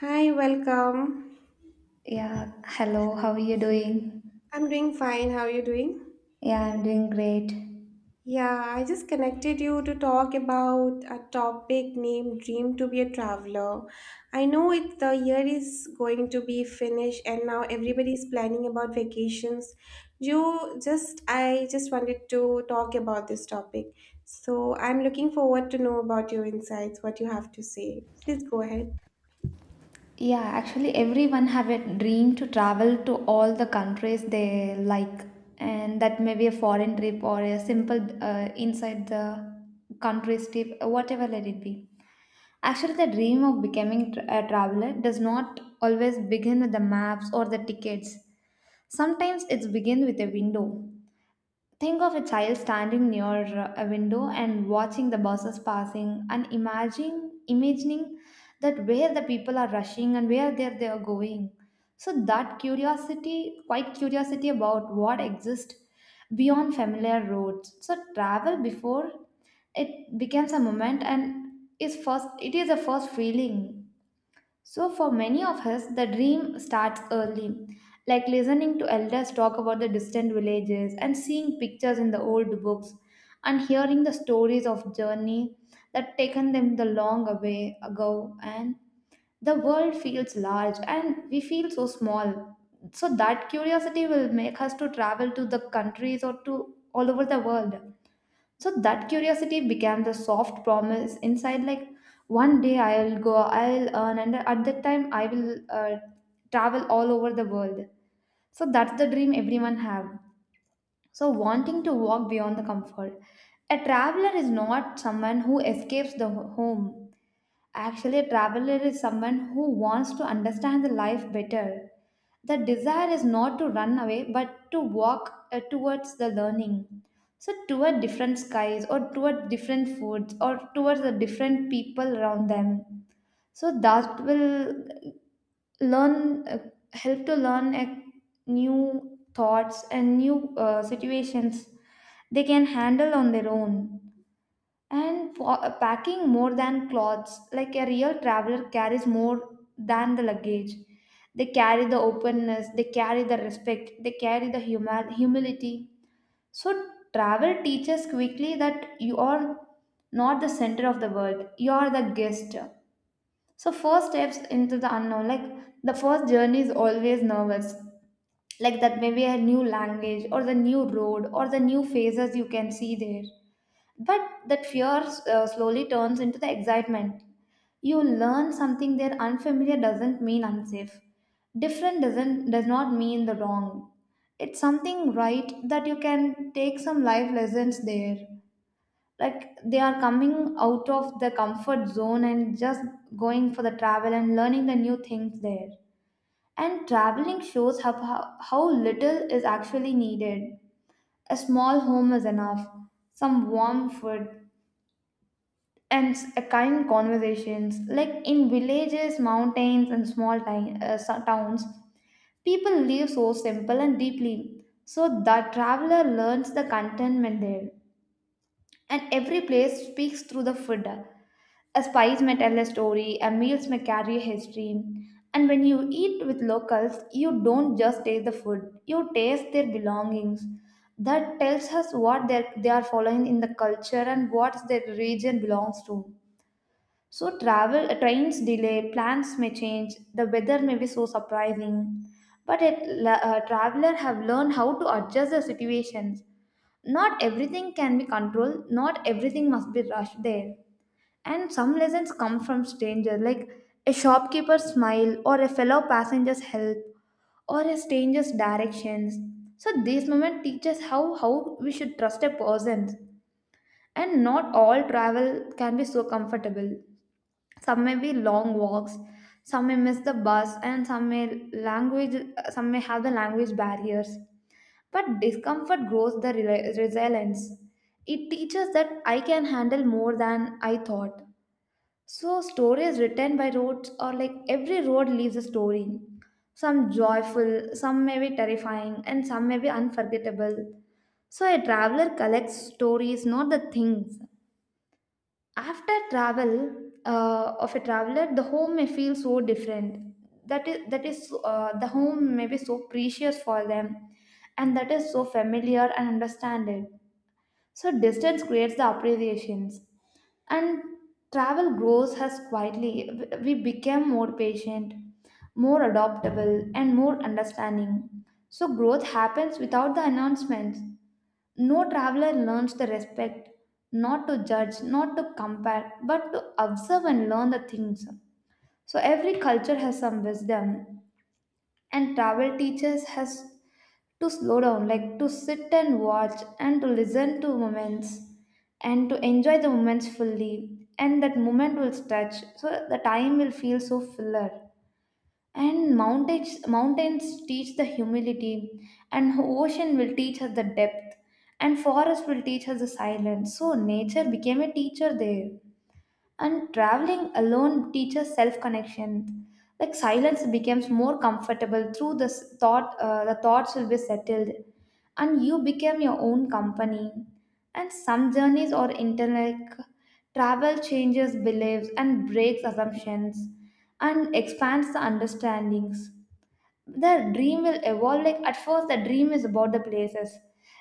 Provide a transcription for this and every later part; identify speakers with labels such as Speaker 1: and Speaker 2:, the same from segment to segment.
Speaker 1: Hi, welcome.
Speaker 2: Yeah, hello, how are you doing?
Speaker 1: I'm doing fine. How are you doing?
Speaker 2: Yeah, I'm doing great.
Speaker 1: Yeah, I just connected you to talk about a topic named Dream to be a Traveler. I know it the year is going to be finished and now everybody is planning about vacations. You just I just wanted to talk about this topic. So I'm looking forward to know about your insights, what you have to say. Please go ahead.
Speaker 2: Yeah, actually everyone have a dream to travel to all the countries they like and that may be a foreign trip or a simple inside the country's trip, whatever let it be. Actually, the dream of becoming a traveler does not always begin with the maps or the tickets. Sometimes it's begin with a window. Think of a child standing near a window and watching the buses passing and imagining that where the people are rushing and where they are going. So that curiosity, quite curiosity about what exists beyond familiar roads. So travel before it becomes a moment and is first it is a first feeling. So, for many of us, the dream starts early, like listening to elders talk about the distant villages and seeing pictures in the old books and hearing the stories of journey that taken them the long way ago, and the world feels large and we feel so small. So that curiosity will make us to travel to the countries or to all over the world. So that curiosity became the soft promise inside, like, one day I'll go, I'll earn, and at that time I will travel all over the world. So that's the dream everyone have. So wanting to walk beyond the comfort. A traveler is not someone who escapes the home. Actually, a traveler is someone who wants to understand the life better. The desire is not to run away but to walk towards the learning. So, toward different skies, or toward different foods, or towards the different people around them. So, that will learn, uh, help to learn a new thoughts and new situations they can handle on their own. And for packing more than clothes, like a real traveler carries more than the luggage. They carry the openness, they carry the respect, they carry the huma humility. So travel teaches quickly that you are not the center of the world, you are the guest. So first steps into the unknown, like the first journey is always nervous, like that maybe a new language or the new road or the new faces you can see there. But that fear slowly turns into the excitement. You learn something there, unfamiliar doesn't mean unsafe. Different does not mean the wrong. It's something right that you can take some life lessons there. Like they are coming out of the comfort zone and just going for the travel and learning the new things there. And traveling shows how little is actually needed. A small home is enough, some warm food, and a kind conversations, like in villages, mountains and small towns people live so simple and deeply. So the traveler learns the contentment there. And every place speaks through the food. A spice may tell a story, a meals may carry a history. And when you eat with locals you don't just taste the food, you taste their belongings. That tells us what they are following in the culture and what their region belongs to. So travel, trains delay, plans may change, the weather may be so surprising. But a traveler have learned how to adjust the situations. Not everything can be controlled, not everything must be rushed there. And some lessons come from strangers, like a shopkeeper's smile or a fellow passenger's help or a stranger's directions. So these moment teaches how we should trust a person. And not all travel can be so comfortable. Some may be long walks, some may miss the bus, and language some may have the language barriers. But discomfort grows the resilience. It teaches that I can handle more than I thought. So stories written by roads are like every road leaves a story. Some joyful, some may be terrifying, and some may be unforgettable. So a traveler collects stories, not the things. After travel of a traveler the home may feel so different. That is The home may be so precious for them, and that is so familiar and understanding. So distance creates the appreciations. And travel grows us quietly, we became more patient, more adaptable and more understanding. So growth happens without the announcements. No traveler learns to respect, not to judge, not to compare, but to observe and learn the things. So every culture has some wisdom, and travel teaches has to slow down, like to sit and watch and to listen to moments and to enjoy the moments fully. And that moment will stretch, so the time will feel so fuller. And mountains teach the humility, and ocean will teach us the depth, and forest will teach us the silence. So nature became a teacher there. And traveling alone teaches self connection. Like silence becomes more comfortable through this thought, the thoughts will be settled, and you become your own company. And some journeys or intellect, travel changes beliefs and breaks assumptions and expands the understandings. The dream will evolve, like at first the dream is about the places,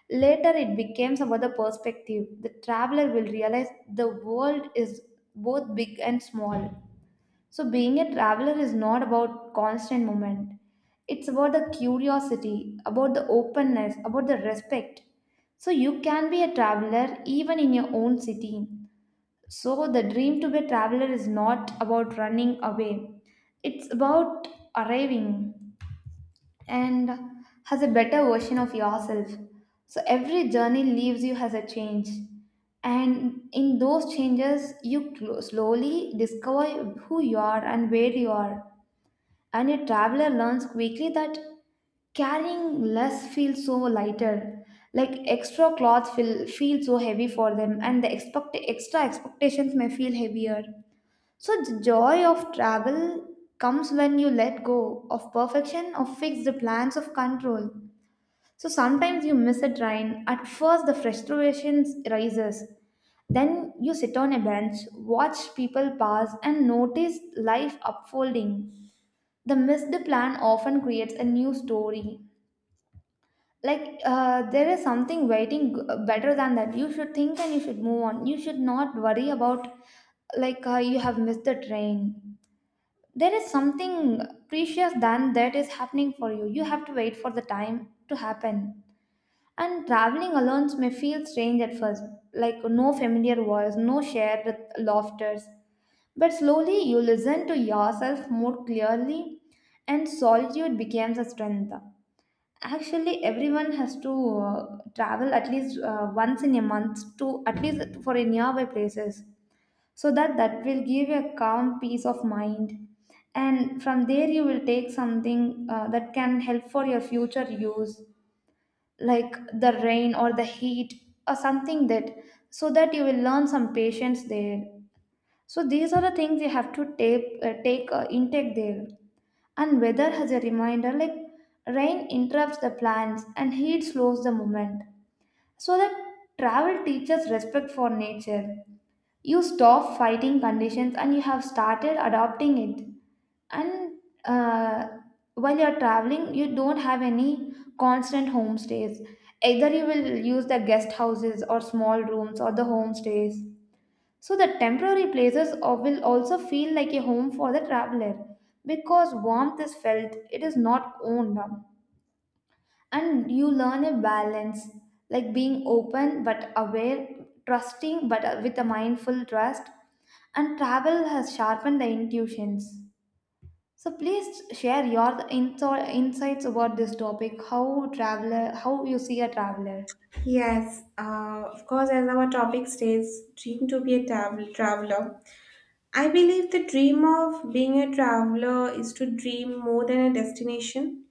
Speaker 2: later it becomes about the perspective. The traveler will realize the world is both big and small. So being a traveler is not about constant movement, it's about the curiosity, about the openness, about the respect. So you can be a traveler even in your own city. So the dream to be a traveler is not about running away, it's about arriving and has a better version of yourself. So every journey leaves you as a change. And in those changes, you slowly discover who you are and where you are. And a traveler learns quickly that carrying less feels so lighter. Like extra clothes feel so heavy for them, and the extra expectations may feel heavier. So, the joy of travel comes when you let go of perfection, of fixed plans, of control. So, sometimes you miss a train. At first, the frustration rises. Then you sit on a bench, watch people pass, and notice life unfolding. The missed plan often creates a new story. Like there is something waiting better than that. You should think and you should move on. You should not worry about, like you have missed the train, there is something precious than that is happening for you. You have to wait for the time to happen. And traveling alone may feel strange at first, like no familiar voice, no shared laughters. But slowly you listen to yourself more clearly, and solitude becomes a strength. Actually everyone has to travel at least once in a month to at least for a nearby places. So that that will give you a calm peace of mind, and from there you will take something that can help for your future use, like the rain or the heat or something that. So that you will learn some patience there. So these are the things you have to take take intake there. And weather has a reminder, like rain interrupts the plans and heat slows the movement. So that travel teaches respect for nature. You stop fighting conditions and you have started adopting it. And uh, while you're traveling you don't have any constant homestays. Either you will use the guest houses or small rooms or the homestays. So the temporary places will also feel like a home for the traveler, because warmth is felt, it is not owned. And you learn a balance, like being open but aware, trusting but with a mindful trust. And travel has sharpened the intuitions. So please share your insights about this topic, how traveler, how you see a traveler.
Speaker 1: Yes, of course, as our topic states, dream to be a traveler. I believe the dream of being a traveler is to dream more than a destination.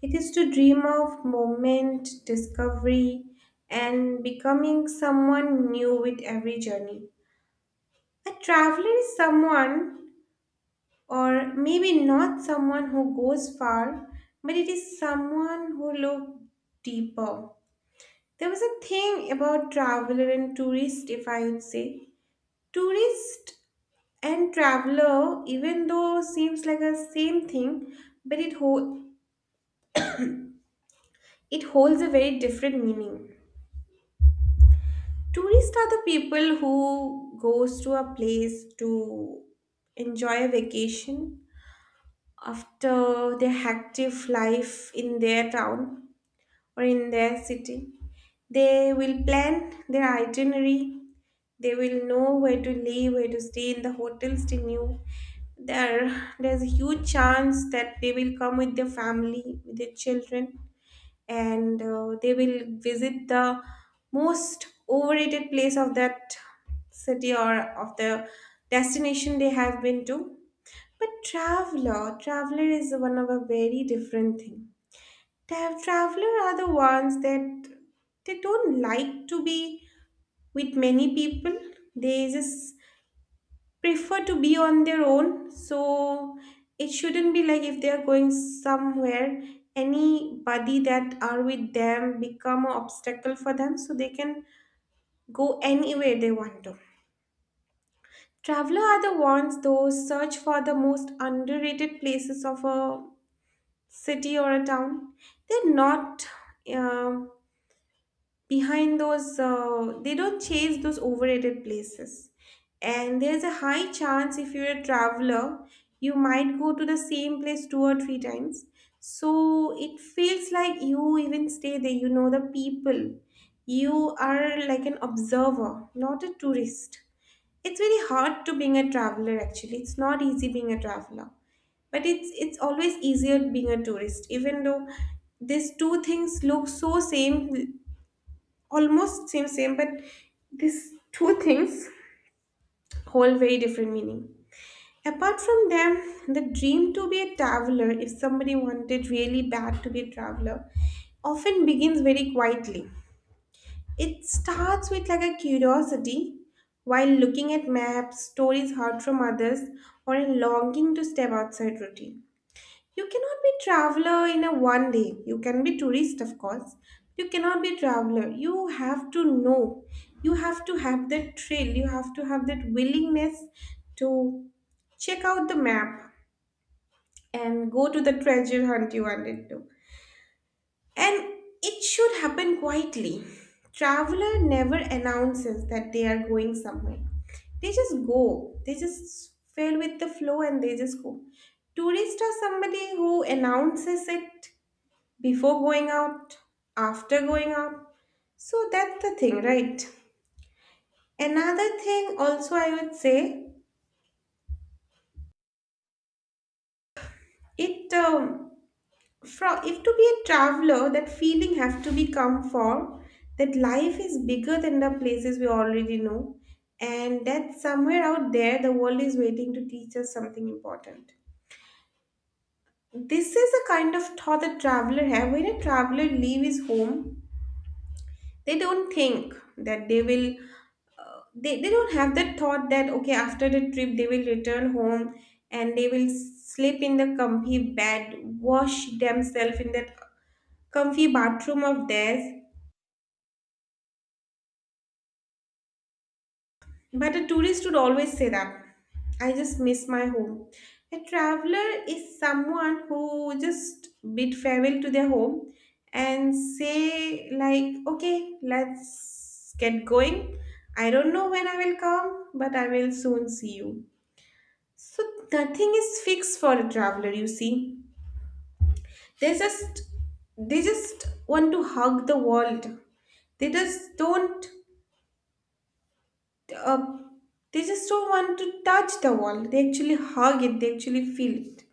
Speaker 1: It is to dream of moment, discovery, and becoming someone new with every journey. A traveler is someone, or maybe not someone who goes far, but it is someone who looks deeper. There was a thing about traveler and tourist, if I would say. Tourist and traveler, even though seems like a same thing, but it holds a very different meaning. Tourists are the people who goes to a place to enjoy a vacation after their active life in their town or in their city. They will plan their itinerary. They will know where to live, where to stay in the hotels they knew. There's a huge chance that they will come with their family, with their children, and they will visit the most overrated place of that city or of the destination they have been to. But traveler is one of a very different thing. Traveler are the ones that they don't like to be with many people. They just prefer to be on their own, so it shouldn't be like if they are going somewhere, anybody that are with them become an obstacle for them so they can go anywhere they want to. Traveler are the ones those search for the most underrated places of a city or a town. They're not um, behind those, they don't chase those overrated places. And there's a high chance if you're a traveler you might go to the same place two or three times. So it feels like you even stay there, you know the people, you are like an observer, not a tourist. It's very hard to being a traveler, actually it's not easy being a traveler, but it's always easier being a tourist, even though these two things look so same, almost same, but these two things hold very different meaning. Apart from them, the dream to be a traveler, if somebody wanted really bad to be a traveler, often begins very quietly. It starts with like a curiosity, while looking at maps, stories heard from others, or a longing to step outside routine. You cannot be traveler in a one day. You can be tourist, of course. You cannot be traveler. You have to know. You have to have that thrill. You have to have that willingness to check out the map and go to the treasure hunt you wanted to. And it should happen quietly. Traveler never announces that they are going somewhere. They just go. They just fell with the flow and they just go. Tourists are somebody who announces it before going out, after going out. So that's the thing, right? Another thing, also, I would say it from if to be a traveler, that feeling have to become for that life is bigger than the places we already know, and that somewhere out there, the world is waiting to teach us something important. This is a kind of thought that traveler have. When a traveler leave his home, they don't think that they don't have that thought that okay after the trip they will return home and they will sleep in the comfy bed, wash themselves in that comfy bathroom of theirs. But a tourist would always say that I just miss my home. A traveler is someone who just bid farewell to their home and say like, okay, let's get going, I don't know when I will come, but I will soon see you. So nothing is fixed for a traveler, you see. They just they just want to hug the world. They just don't, uh, they just don't want to touch the world. They actually hug it, they actually feel it.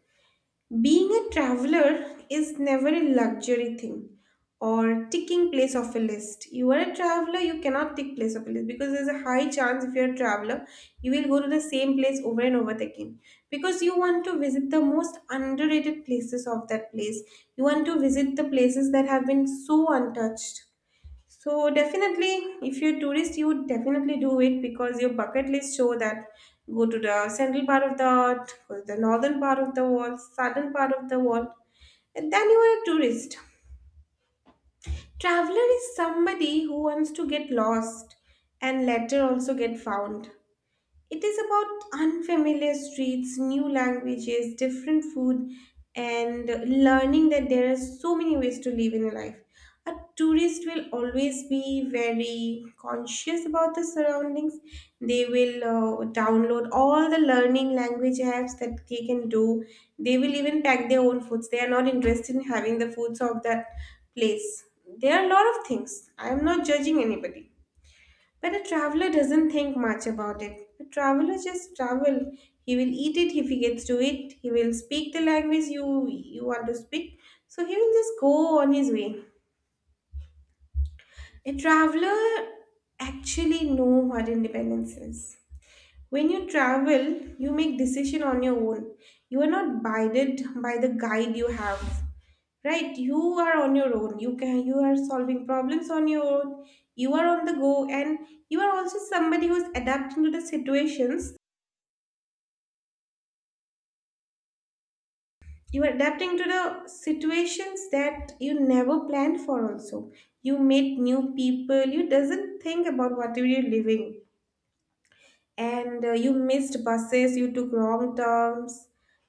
Speaker 1: Being a traveler is never a luxury thing or ticking place of a list. You are a traveler, you cannot tick place of a list, because there's a high chance if you're a traveler, you will go to the same place over and over again because you want to visit the most underrated places of that place. You want to visit the places that have been so untouched. So definitely, if you're tourist, you would definitely do it because your bucket list show that go to the central part of the earth, go to the northern part of the world, southern part of the world, and then you are a tourist. Traveler is somebody who wants to get lost and later also get found. It is about unfamiliar streets, new languages, different food, and learning that there are so many ways to live in life. A tourist will always be very conscious about the surroundings. They will download all the learning language apps that they can do. They will even pack their own foods. They are not interested in having the foods of that place. There are a lot of things. I am not judging anybody. But a traveler doesn't think much about it. A traveler just travel. He will eat it if he gets to it. He will speak the language you want to speak. So he will just go on his way. A traveler actually know what independence is. When you travel, you make decision on your own. You are not guided by the guide you have. Right? You are on your own. You are solving problems on your own. You are on the go and you are also somebody who's adapting to the situations. You are adapting to the situations that you never planned for also. You meet new people. You doesn't think about what you're living, and you missed buses, you took wrong turns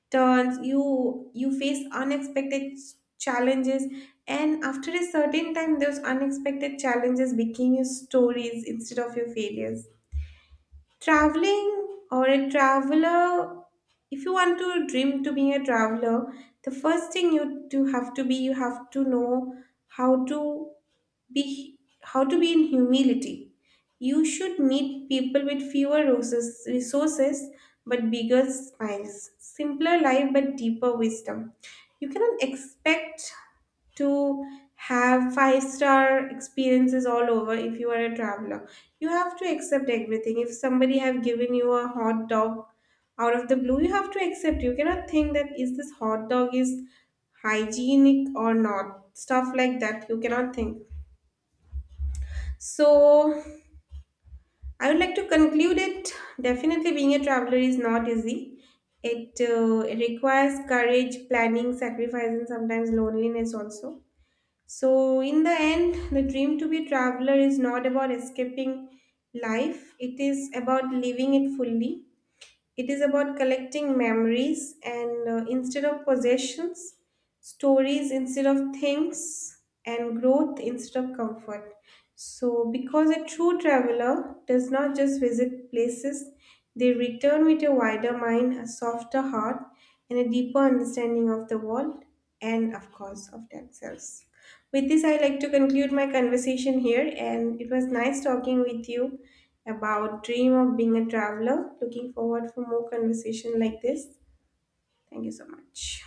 Speaker 1: turns you face unexpected challenges, and after a certain time those unexpected challenges became your stories instead of your failures. Traveling or a traveler, if you want to dream to be a traveler, the first thing you do have to be, you have to know how to be in humility. You should meet people with fewer roses resources but bigger smiles, simpler life but deeper wisdom. You cannot expect to have five-star experiences all over if you are a traveler. You have to accept everything. If somebody have given you a hot dog out of the blue, you have to accept. You cannot think that is this hot dog is hygienic or not. Stuff like that you cannot think. So, I would like to conclude it. Definitely, being a traveler is not easy. It, it requires courage, planning, sacrifice, and sometimes loneliness also. So, in the end, the dream to be a traveler is not about escaping life, it is about living it fully. It is about collecting memories, and instead of possessions, stories instead of things, and growth instead of comfort. So, because a true traveler does not just visit places, they return with a wider mind, a softer heart, and a deeper understanding of the world and, of course, of themselves. With this, I'd like to conclude my conversation here, and it was nice talking with you about dream of being a traveler. Looking forward for more conversation like this. Thank you so much.